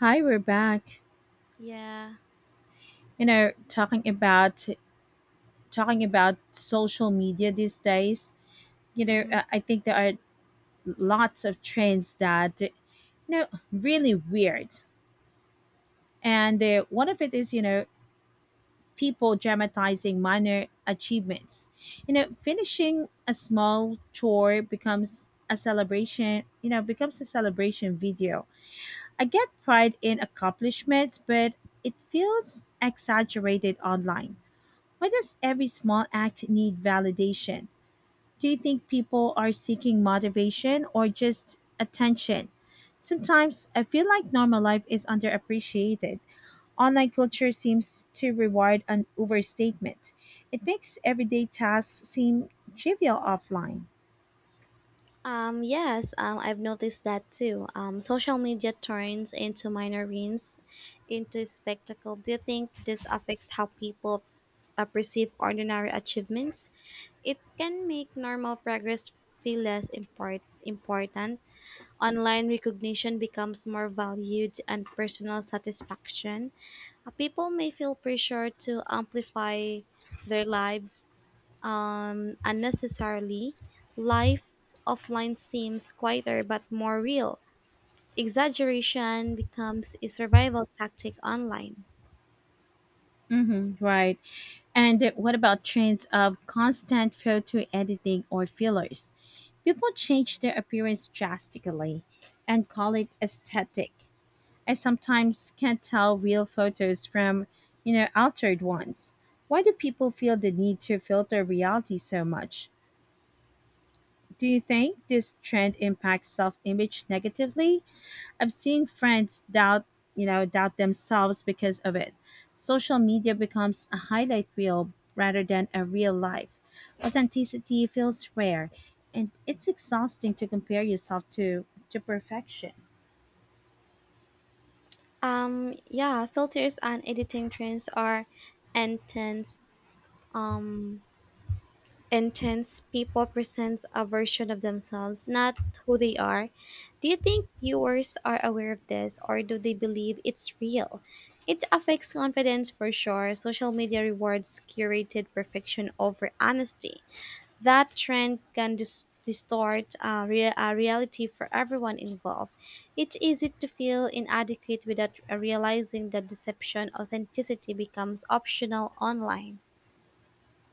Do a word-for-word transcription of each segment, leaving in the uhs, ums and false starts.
Hi, we're back. Yeah. You know, talking about talking about social media these days. You know, hmm uh, I think there are lots of trends that you know really weird, and uh, one of it is you know people dramatizing minor achievements. You know, finishing a small chore becomes a celebration. You know, becomes a celebration video. I get pride in accomplishments, but it feels exaggerated online. Why does every small act need validation? Do you think people are seeking motivation or just attention? Sometimes I feel like normal life is underappreciated. Online culture seems to reward an overstatement. It makes everyday tasks seem trivial offline. Um, yes, um, I've noticed that too. Um, social media turns into minor wins into spectacle. Do you think this affects how people uh, perceive ordinary achievements? It can make normal progress feel less import- important. Online recognition becomes more valued and personal satisfaction. Uh, people may feel pressure to amplify their lives um, unnecessarily, life offline seems quieter but more real. Exaggeration becomes a survival tactic online. Mm-hmm, right. And what about trends of constant photo editing or fillers? People change their appearance drastically and call it aesthetic. I sometimes can't tell real photos from, you know, altered ones. Why do people feel the need to filter reality so much? Do you think this trend impacts self-image negatively? I've seen friends doubt, you know, doubt themselves because of it. Social media becomes a highlight reel rather than a real life. Authenticity feels rare, and it's exhausting to compare yourself to to perfection. Um, yeah, filters and editing trends are intense. Um, intense People presents a version of themselves, not who they are. Do you think viewers are aware of this or do they believe it's real? It affects confidence for sure. Social media rewards curated perfection over honesty. That trend can dis- distort uh, rea- uh, reality for everyone involved. It's easy to feel inadequate without realizing that deception authenticity becomes optional online.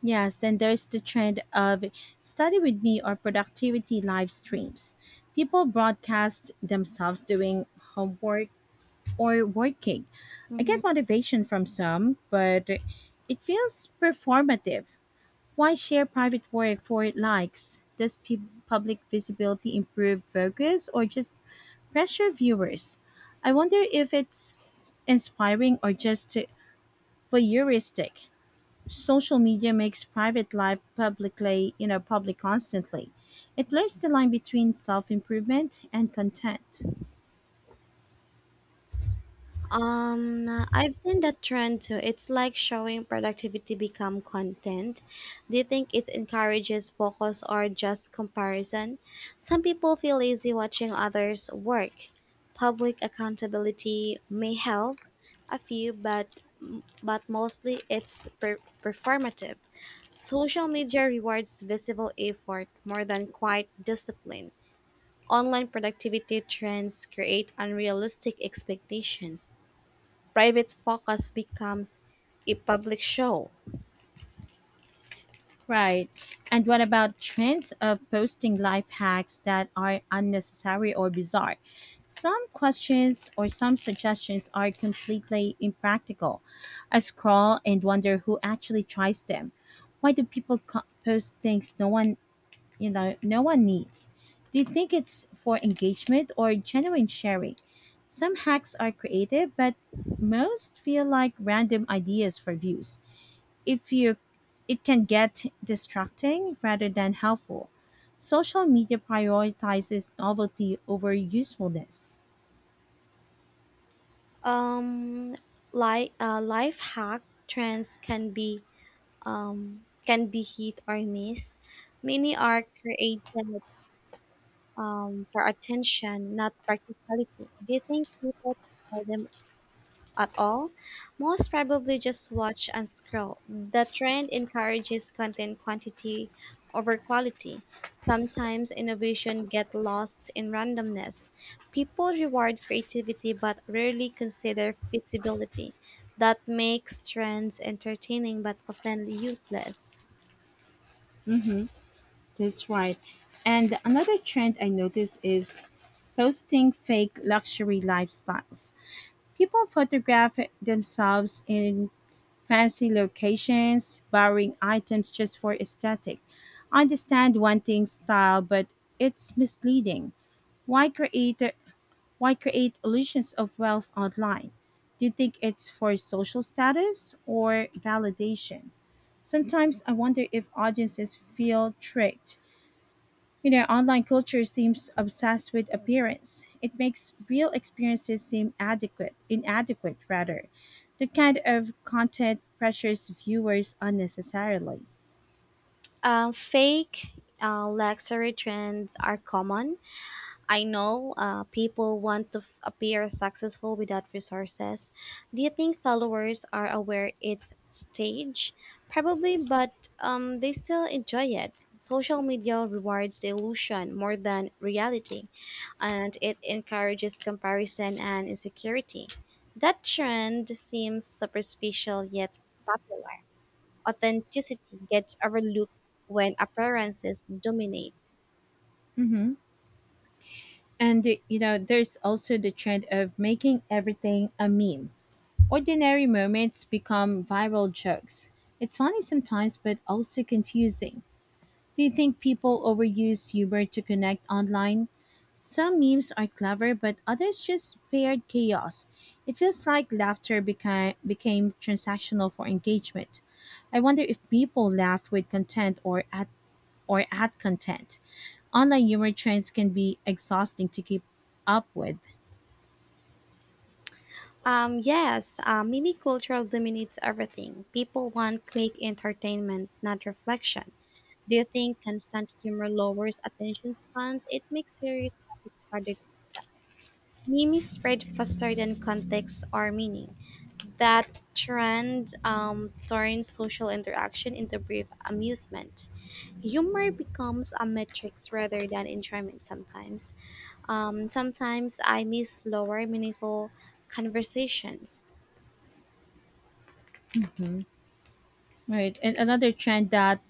Yes, then there's the trend of study with me or productivity live streams. People broadcast themselves doing homework or working. I Mhm. get motivation from some, but it feels performative. Why share private work for likes? Does pub- public visibility improve focus or just pressure viewers? I wonder if it's inspiring or just voyeuristic. Social media makes private life publicly you know public constantly. It blurs the line between self-improvement and content. Um, I've seen that trend too. It's like showing productivity become content. Do you think it encourages focus or just comparison? Some people feel lazy watching others work. Public accountability may help a few, but but mostly it's per- performative. Social media rewards visible effort more than quiet discipline. Online productivity trends create unrealistic expectations private focus becomes a public show. Right. And what about trends of posting life hacks that are unnecessary or bizarre? Some questions or some suggestions are completely impractical. I scroll and wonder who actually tries them. Why do people co- post things no one you know no one needs. Do you think it's for engagement or genuine sharing? Some hacks are creative, but most feel like random ideas for views. If you It can get distracting rather than helpful. Social media prioritizes novelty over usefulness. Um, li- uh, life hack trends can be um, can be hit or miss. Many are created um, for attention, not practicality. Do you think people try them at all, most probably just watch and scroll. The trend encourages content quantity over quality. Sometimes innovation gets lost in randomness. People reward creativity but rarely consider feasibility. That makes trends entertaining but often useless. Mm-hmm. That's right. And another trend I noticed is posting fake luxury lifestyles. People photograph themselves in fancy locations, borrowing items just for aesthetic. I understand wanting style, but it's misleading. Why create why create illusions of wealth online? Do you think it's for social status or validation? Sometimes I wonder if audiences feel tricked. You know, online culture seems obsessed with appearance. It makes real experiences seem adequate, inadequate rather. That kind of content pressures viewers unnecessarily. Uh, fake uh, luxury trends are common I know uh, people want to f- appear successful without resources. Do you think followers are aware it's staged? Probably, but um, they still enjoy it. Social media rewards the illusion more than reality, and it encourages comparison and insecurity. That trend seems superficial yet popular. Authenticity gets overlooked when appearances dominate. Hmm. And uh, you know, there's also the trend of making everything a meme. Ordinary moments become viral jokes. It's funny sometimes, but also confusing. Do you think people overuse humor to connect online? Some memes are clever, but others just paired chaos. It feels like laughter beca- became transactional for engagement. I wonder if people laughed with content or at or at content. Online humor trends can be exhausting to keep up with. Um, yes, Uh. Mini culture dominates everything. People want quick entertainment, not reflection. Do you think constant humor lowers attention spans? It makes serious topics harder. Memes spread faster than context or meaning. That trend um, turns social interaction into brief amusement. Humor becomes a metrics rather than enjoyment sometimes. Um, sometimes I miss slower, meaningful conversations. Right. And another trend that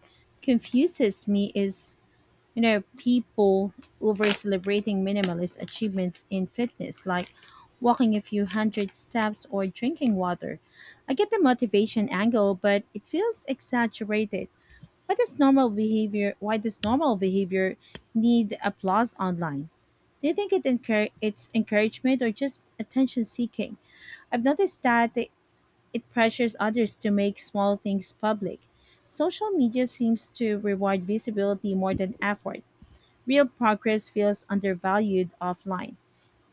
confuses me is you know, people over celebrating minimalist achievements in fitness, like walking a few hundred steps or drinking water. I get the motivation angle, but it feels exaggerated. Why does normal behavior why does normal behavior need applause online? Do you think it encour- it's encouragement or just attention seeking? I've noticed that it it pressures others to make small things public. Social media seems to reward visibility more than effort. Real progress feels undervalued offline.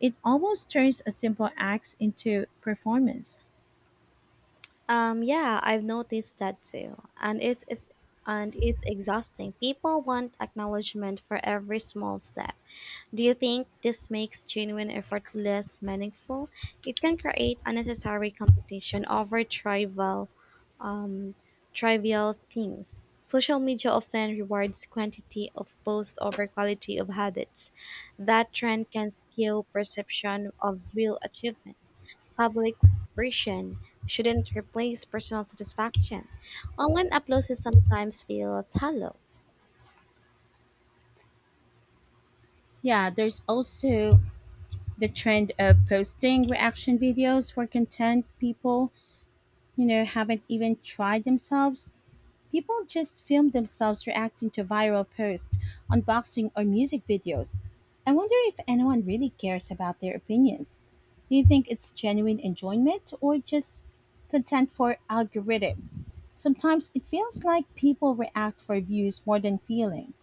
It almost turns a simple act into performance. Um, yeah, I've noticed that too, and it's, it's and it's exhausting. People want acknowledgement for every small step. Do you think this makes genuine effort less meaningful? It can create unnecessary competition over trivial, um, trivial things. Social media often rewards quantity of posts over quality of habits. That trend can skew perception of real achievement. Public version shouldn't replace personal satisfaction. Online applause sometimes feels hollow. Yeah, there's also the trend of posting reaction videos for content people, you know, haven't even tried themselves. People just film themselves reacting to viral posts, unboxing, or music videos. I wonder if anyone really cares about their opinions. Do you think it's genuine enjoyment or just content for algorithm? Sometimes it feels like people react for views more than feeling.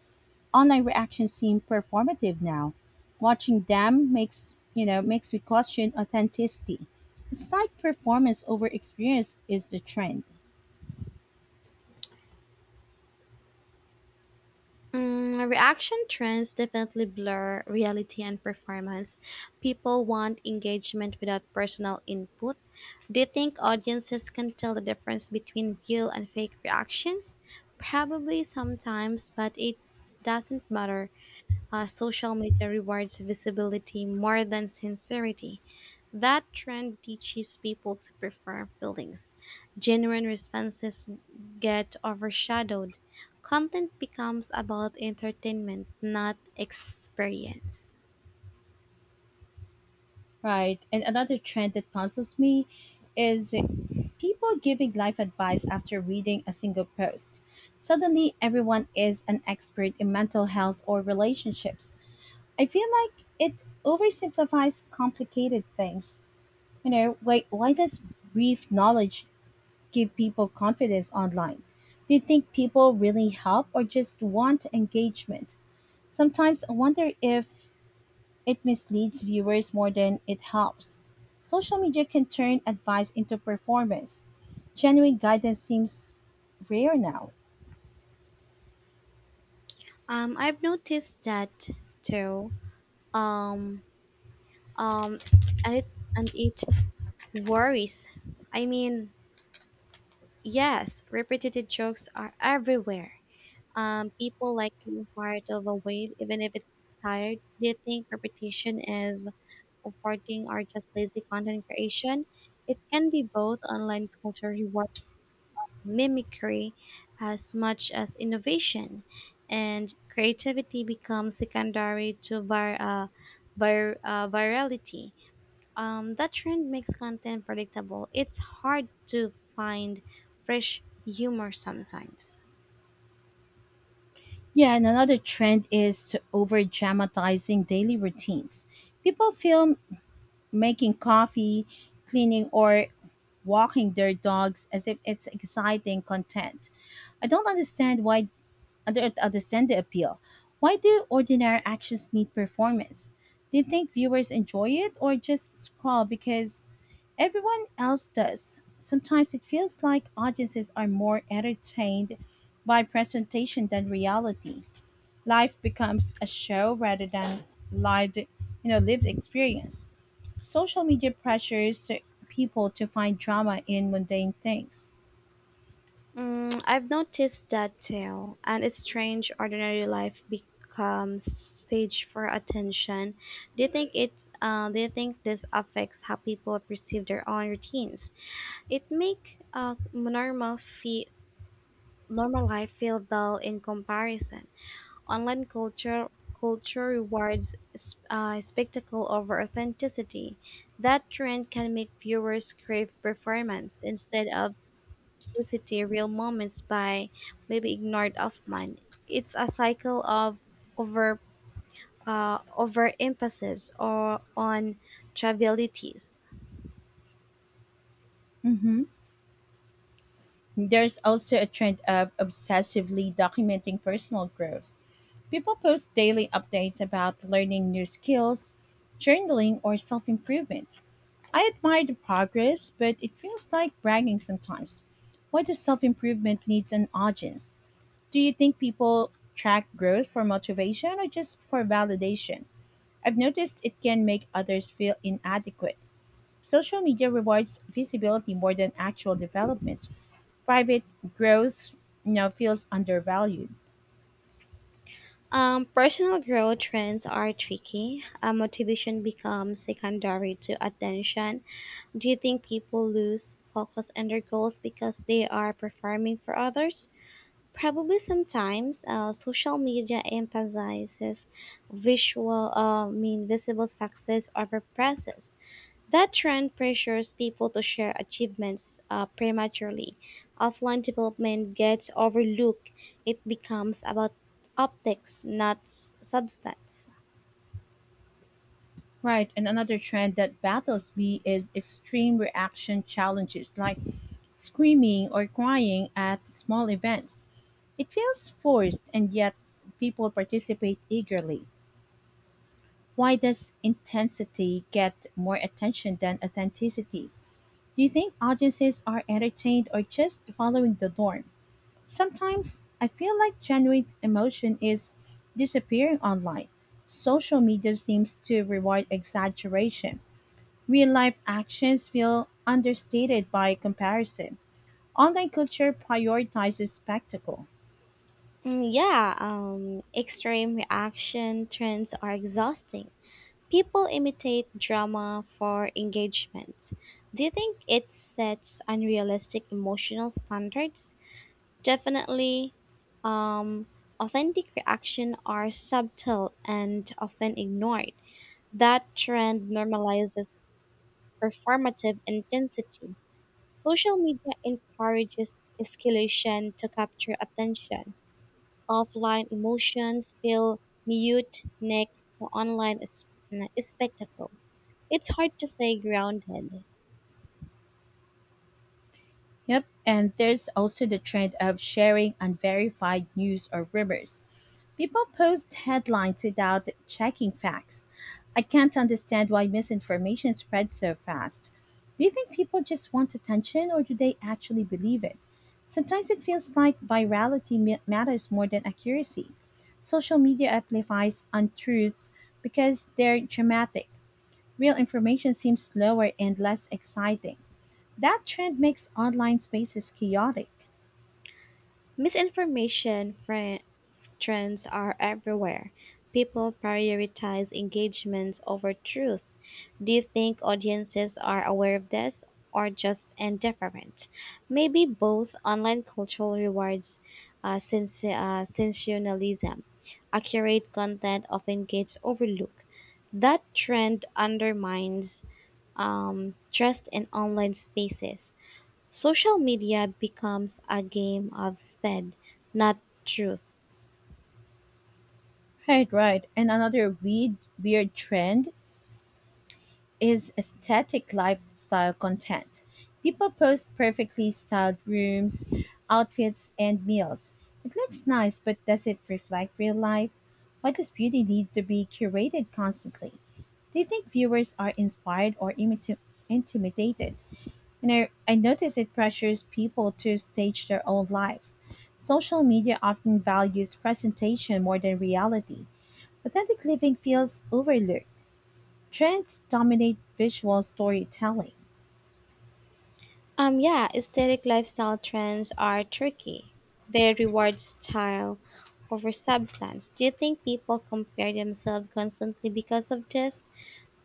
Online reactions seem performative now. Watching them makes you know makes me question authenticity. It's like performance over experience is the trend. Mm, reaction trends definitely blur reality and performance. People want engagement without personal input. Do you think audiences can tell the difference between real and fake reactions? Probably sometimes, but it doesn't matter. Uh, social media rewards visibility more than sincerity. That trend teaches people to prefer feelings. Genuine responses get overshadowed. Content becomes about entertainment, not experience. Right. And another trend that puzzles me is people giving life advice after reading a single post. Suddenly, everyone is an expert in mental health or relationships. I feel like it oversimplifies complicated things. You know, why, why does brief knowledge give people confidence online? Do you think people really help or just want engagement? Sometimes I wonder if it misleads viewers more than it helps. Social media can turn advice into performance. Genuine guidance seems rare now. Um, I've noticed that too. Um, um, and it and it worries. I mean, yes, repetitive jokes are everywhere. Um, people like being part of a wave, even if it's tired. They think repetition is rewarding or just lazy content creation. It can be both online culture reward mimicry as much as innovation, and creativity becomes secondary to vir- uh, vir- uh, virality. Um, that trend makes content predictable. It's hard to find fresh humor sometimes. Yeah, and another trend is over dramatizing daily routines. People film making coffee, cleaning, or walking their dogs as if it's exciting content. I don't understand why under, understand the appeal. Why do ordinary actions need performance? Do you think viewers enjoy it or just scroll because everyone else does? Sometimes it feels like audiences are more entertained by presentation than reality. Life becomes a show rather than lived, you know, lived experience. Social media pressures people to find drama in mundane things. Mm, I've noticed that too, and it's strange ordinary life becomes stage for attention. Do you think it? Uh, do you think this affects how people perceive their own routines? It make uh, normal fee Normal life feel dull in comparison. Online culture culture rewards s- uh, spectacle over authenticity. That trend can make viewers crave performance instead of publicity, real moments by maybe ignored Hoffman. It's a cycle of over uh, overemphasis or on trivialities. Hmm. There's also a trend of obsessively documenting personal growth. People post daily updates about learning new skills, journaling, or self improvement. I admire the progress, but it feels like bragging sometimes. Why does self improvement needs an audience? Do you think people track growth for motivation or just for validation? I've noticed it can make others feel inadequate. Social media rewards visibility more than actual development. Private growth you know feels undervalued. Um, personal growth trends are tricky. Uh, motivation becomes secondary to attention. Do you think people lose focus on their goals because they are performing for others? Probably sometimes. Uh, social media emphasizes visual, uh, I mean, visible success over process. That trend pressures people to share achievements uh, prematurely. Offline development gets overlooked. It becomes about optics, not s- substance. Right, and another trend that battles me is extreme reaction challenges, like screaming or crying at small events. It feels forced, and yet people participate eagerly. Why does intensity get more attention than authenticity? Do you think audiences are entertained or just following the norm? Sometimes I feel like genuine emotion is disappearing online. Social media seems to reward exaggeration. Real life actions feel understated by comparison. Online culture prioritizes spectacle. Mm, yeah, um, extreme reaction trends are exhausting. People imitate drama for engagement. Do you think it sets unrealistic emotional standards? Definitely, um, authentic reaction are subtle and often ignored. That trend normalizes performative intensity. Social media encourages escalation to capture attention. Offline emotions feel mute next to online s- spectacle. It's hard to stay grounded. Yep, and there's also the trend of sharing unverified news or rumors. People post headlines without checking facts. I can't understand why misinformation spreads so fast. Do you think people just want attention or do they actually believe it? Sometimes it feels like virality ma- matters more than accuracy. Social media amplifies untruths because they're dramatic. Real information seems slower and less exciting. That trend makes online spaces chaotic. Misinformation, friend. Trends are everywhere. People prioritize engagements over truth. Do you think audiences are aware of this or just indifferent? Maybe both online cultural rewards uh, sens- uh, sensationalism. Accurate content often gets overlooked. That trend undermines um, trust in online spaces. Social media becomes a game of speed, not truth. Right, right. And another weird, weird trend is aesthetic lifestyle content. People post perfectly styled rooms, outfits, and meals. It looks nice, but does it reflect real life? Why does beauty need to be curated constantly? Do you think viewers are inspired or imiti- intimidated? You know, I notice it pressures people to stage their own lives. Social media often values presentation more than reality. Authentic living feels overlooked. Trends dominate visual storytelling. Um, yeah, aesthetic lifestyle trends are tricky. They reward style over substance. Do you think people compare themselves constantly because of this?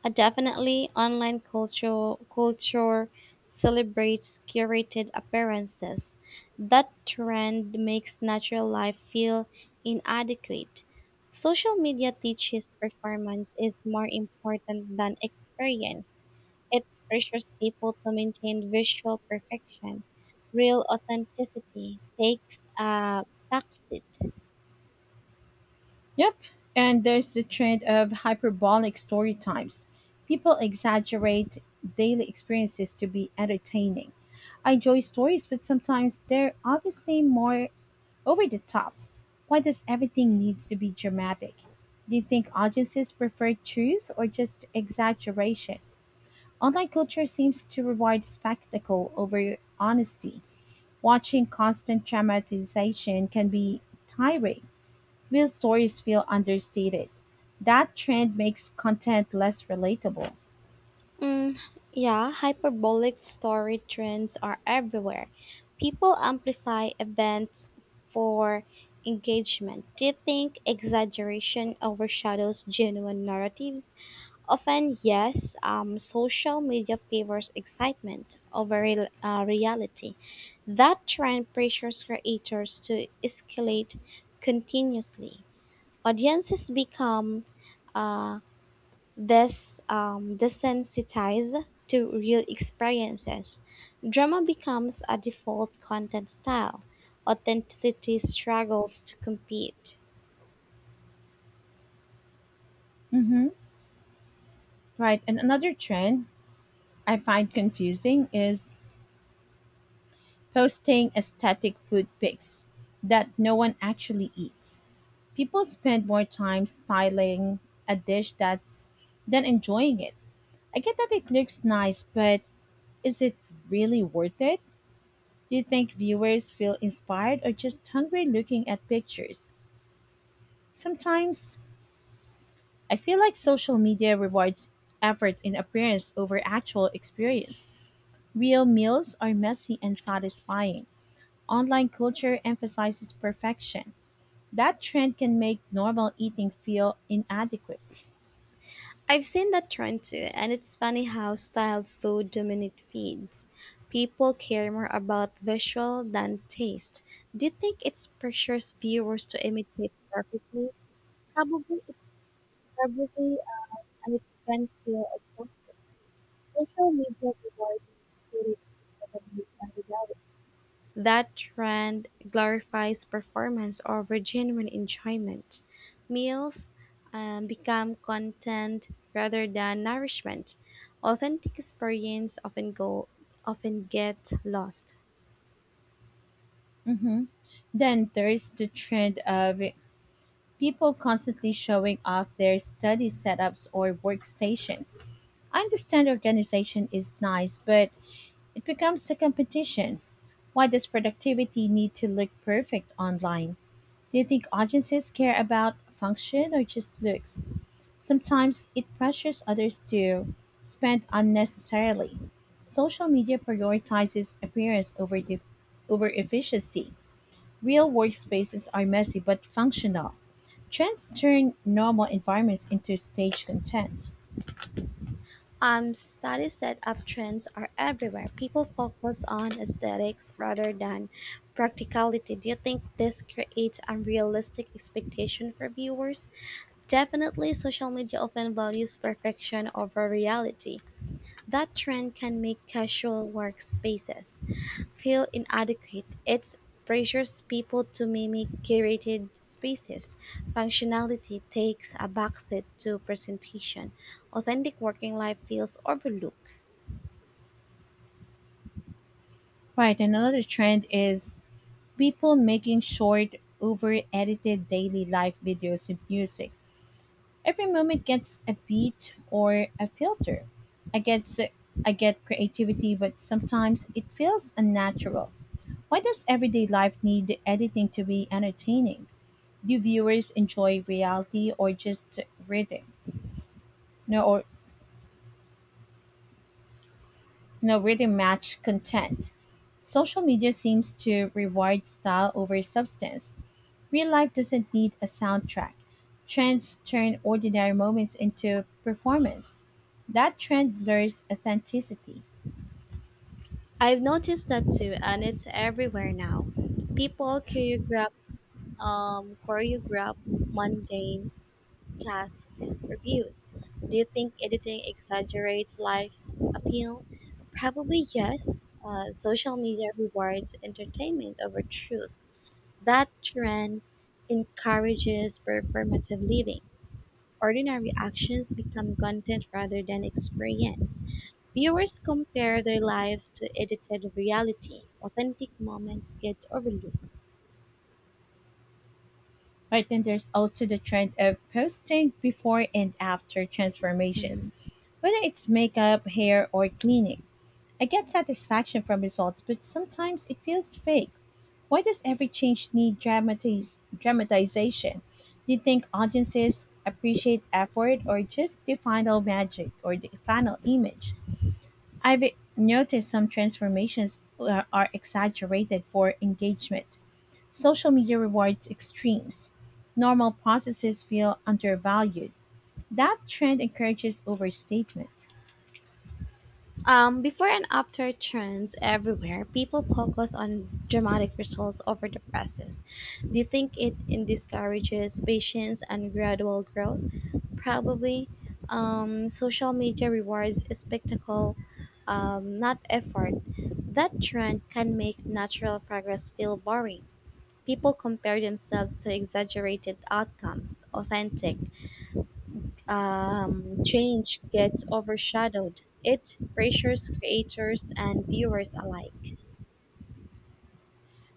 Uh, definitely, online culture culture celebrates curated appearances. That trend makes natural life feel inadequate. Social media teaches performance is more important than experience. It pressures people to maintain visual perfection. Real authenticity takes a backseat. Yep. And there's the trend of hyperbolic story times. People exaggerate daily experiences to be entertaining. I enjoy stories, but sometimes they're obviously more over the top. Why does everything needs to be dramatic? Do you think audiences prefer truth or just exaggeration? Online culture seems to reward spectacle over honesty. Watching constant dramatization can be tiring. Real stories feel understated. That trend makes content less relatable. Mm, yeah, hyperbolic story trends are everywhere. People amplify events for engagement. Do you think exaggeration overshadows genuine narratives? Often, yes, um, social media favors excitement over real, uh, reality. That trend pressures creators to escalate continuously. Audiences become uh, des, um, desensitized to real experiences. Drama becomes a default content style. Authenticity struggles to compete. Mm-hmm. Right. And another trend I find confusing is posting aesthetic food pics that no one actually eats. People spend more time styling a dish that's than enjoying it. I get that it looks nice, but is it really worth it? Do you think viewers feel inspired or just hungry looking at pictures? Sometimes I feel like social media rewards effort in appearance over actual experience. Real meals are messy and satisfying. Online culture emphasizes perfection. That trend can make normal eating feel inadequate. I've seen that trend too, and it's funny how style food dominate feeds. People care more about visual than taste. Do you think it pressures viewers to imitate perfectly? Probably, it's probably uh, an expensive. Social media rewards beauty rather than reality. That trend glorifies performance over genuine enjoyment. Meals um, become content rather than nourishment. Authentic experience often go often get lost. Mhm. Then there's the trend of people constantly showing off their study setups or workstations. I understand organization is nice, but it becomes a competition. Why does productivity need to look perfect online? Do you think audiences care about function or just looks? Sometimes it pressures others to spend unnecessarily. Social media prioritizes appearance over, the, over efficiency. Real workspaces are messy but functional. Trends turn normal environments into stage content. Um, studies that uptrends are everywhere. People focus on aesthetics rather than practicality. Do you think this creates unrealistic expectation for viewers? Definitely, social media often values perfection over reality. That trend can make casual workspaces feel inadequate. It pressures people to mimic curated spaces. Functionality takes a backseat to presentation. Authentic working life feels overlooked. Right, and another trend is people making short, over edited daily life videos of music. Every moment gets a beat or a filter. I get, s- I get creativity, but sometimes it feels unnatural. Why does everyday life need editing to be entertaining? Do viewers enjoy reality or just rhythm? No, or no rhythm match content. Social media seems to reward style over substance. Real life doesn't need a soundtrack. Trends turn ordinary moments into performance. That trend blurs authenticity. I've noticed that too, and it's everywhere now. People choreograph, um, choreograph mundane Task reviews. Do you think editing exaggerates life appeal? Probably yes. Uh, social media rewards entertainment over truth. That trend encourages performative living. Ordinary actions become content rather than experience. Viewers compare their life to edited reality. Authentic moments get overlooked. Right, then there's also the trend of posting before and after Mhm. transformations, whether it's makeup, hair, or cleaning. I get satisfaction from results, but sometimes it feels fake. Why does every change need dramatiz- dramatization? Do you think audiences appreciate effort or just the final magic or the final image? I've noticed some transformations are are exaggerated for engagement. Social media rewards extremes. Normal processes feel undervalued. That trend encourages overstatement. Um, before and after trends everywhere, people focus on dramatic results over the process. Do you think it, it discourages patience and gradual growth? Probably. Um, social media rewards spectacle, um, not effort. That trend can make natural progress feel boring. People compare themselves to exaggerated outcomes. Authentic um, change gets overshadowed. It pressures creators and viewers alike.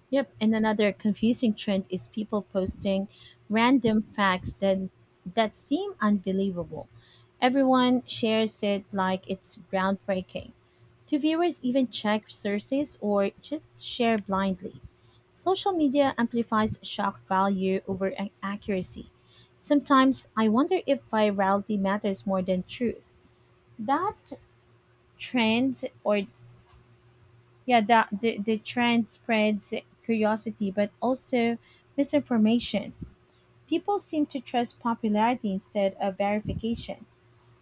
Yep, and another confusing trend is people posting random facts that that seem unbelievable. Everyone shares it like it's groundbreaking. Do viewers even check sources or just share blindly? Social media amplifies shock value over ac- accuracy. Sometimes I wonder if virality matters more than truth. That trend or yeah the, the the trend spreads curiosity but also misinformation. People seem to trust popularity instead of verification.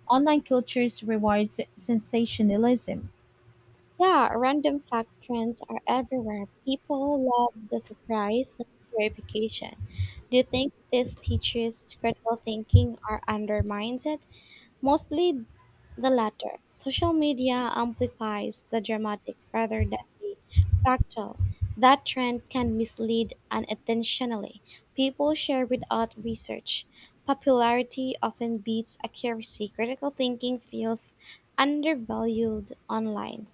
Online cultures rewards sensationalism. Yeah, random fact trends are everywhere. People love the surprise and verification. Do you think this teaches critical thinking or undermines it? Mostly The latter, social media amplifies the dramatic rather than the factual. That trend can mislead unintentionally. People share without research. Popularity often beats accuracy. Critical thinking feels undervalued online.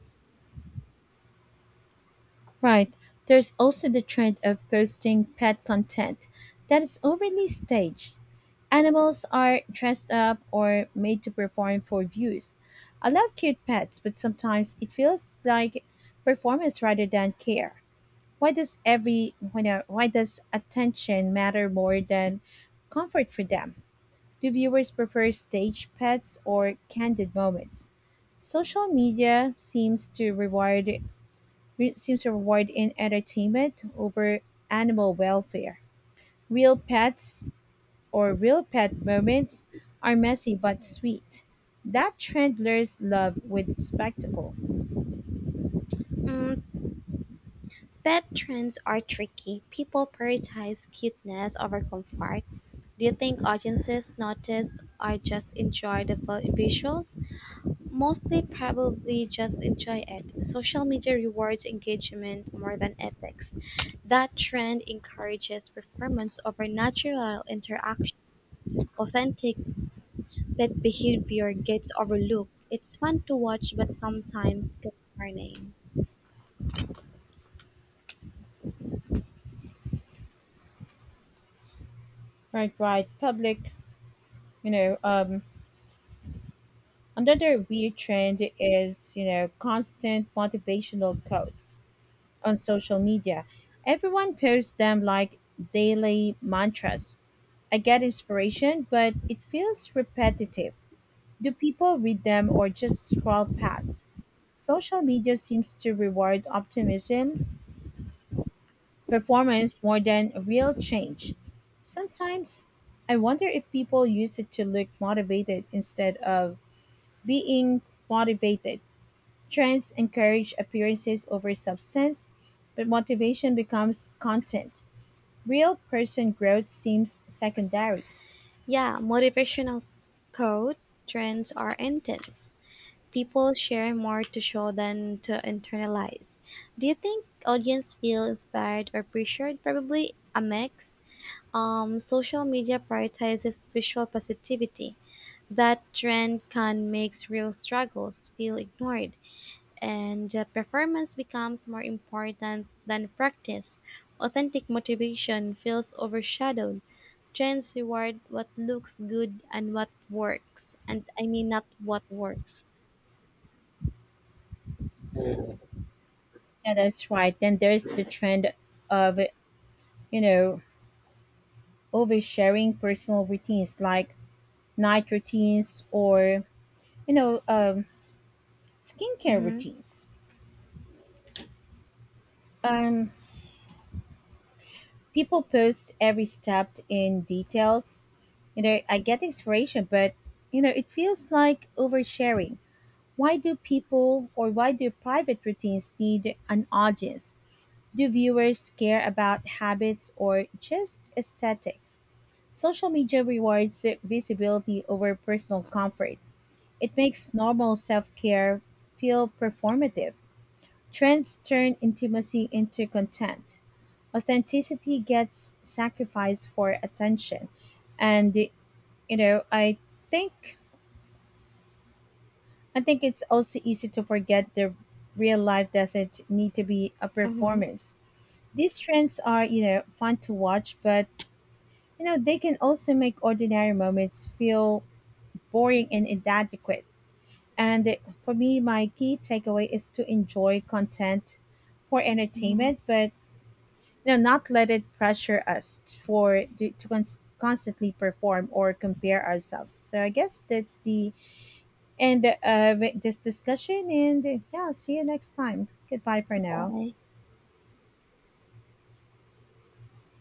Right, there's also the trend of posting pet content that is overly staged. Animals are dressed up or made to perform for views. I love cute pets, but sometimes it feels like performance rather than care. Why does every why no- Why does attention matter more than comfort for them? Do viewers prefer stage pets or candid moments? Social media seems to reward re- seems to reward in entertainment over animal welfare. Real pets or Real pet moments are messy but sweet. That trend blurs love with spectacle. Mm, pet trends are tricky. People prioritize cuteness over comfort. Do you think audiences notice or just enjoy the vi- visuals? Most they probably just enjoy it. Social media rewards engagement more than ethics. That trend encourages performance over natural interaction. Authentic pet behavior gets overlooked. It's fun to watch, but sometimes concerning. Right, right. Public, you know, um, Another weird trend is, you know, constant motivational quotes on social media. Everyone posts them like daily mantras. I get inspiration, but it feels repetitive. Do people read them or just scroll past? Social media seems to reward optimism, performance more than real change. Sometimes I wonder if people use it to look motivated instead of being motivated. Trends encourage appearances over substance, but motivation becomes content. Real person growth seems secondary. Yeah, motivational quote trends are intense. People share more to show than to internalize. Do you think audience feel inspired or pressured? Probably a mix. Um, social media prioritizes visual positivity. That trend can make real struggles feel ignored, and uh, performance becomes more important than practice. Authentic motivation feels overshadowed. Trends reward what looks good and what works, and I mean not what works. Yeah, that's right. Then there's the trend of, you know, oversharing personal routines, like night routines or, you know, um, skincare Mm-hmm. routines. Um, People post every step in details. You know, I get inspiration, but, you know, it feels like oversharing. Why do people or why do private routines need an audience? Do viewers care about habits or just aesthetics? Social media rewards visibility over personal comfort. It makes normal self care feel performative. Trends turn intimacy into content. Authenticity gets sacrificed for attention. And, you know, I think I think it's also easy to forget the real life doesn't need to be a Mm-hmm. performance. These trends are, you know, fun to watch, but you know, they can also make ordinary moments feel boring and inadequate. And for me, my key takeaway is to enjoy content for Mm-hmm. entertainment, but you know, not let it pressure us for to, to cons- constantly perform or compare ourselves. So I guess that's the and uh, with this discussion. And uh, yeah, see you next time. Goodbye for now. Bye.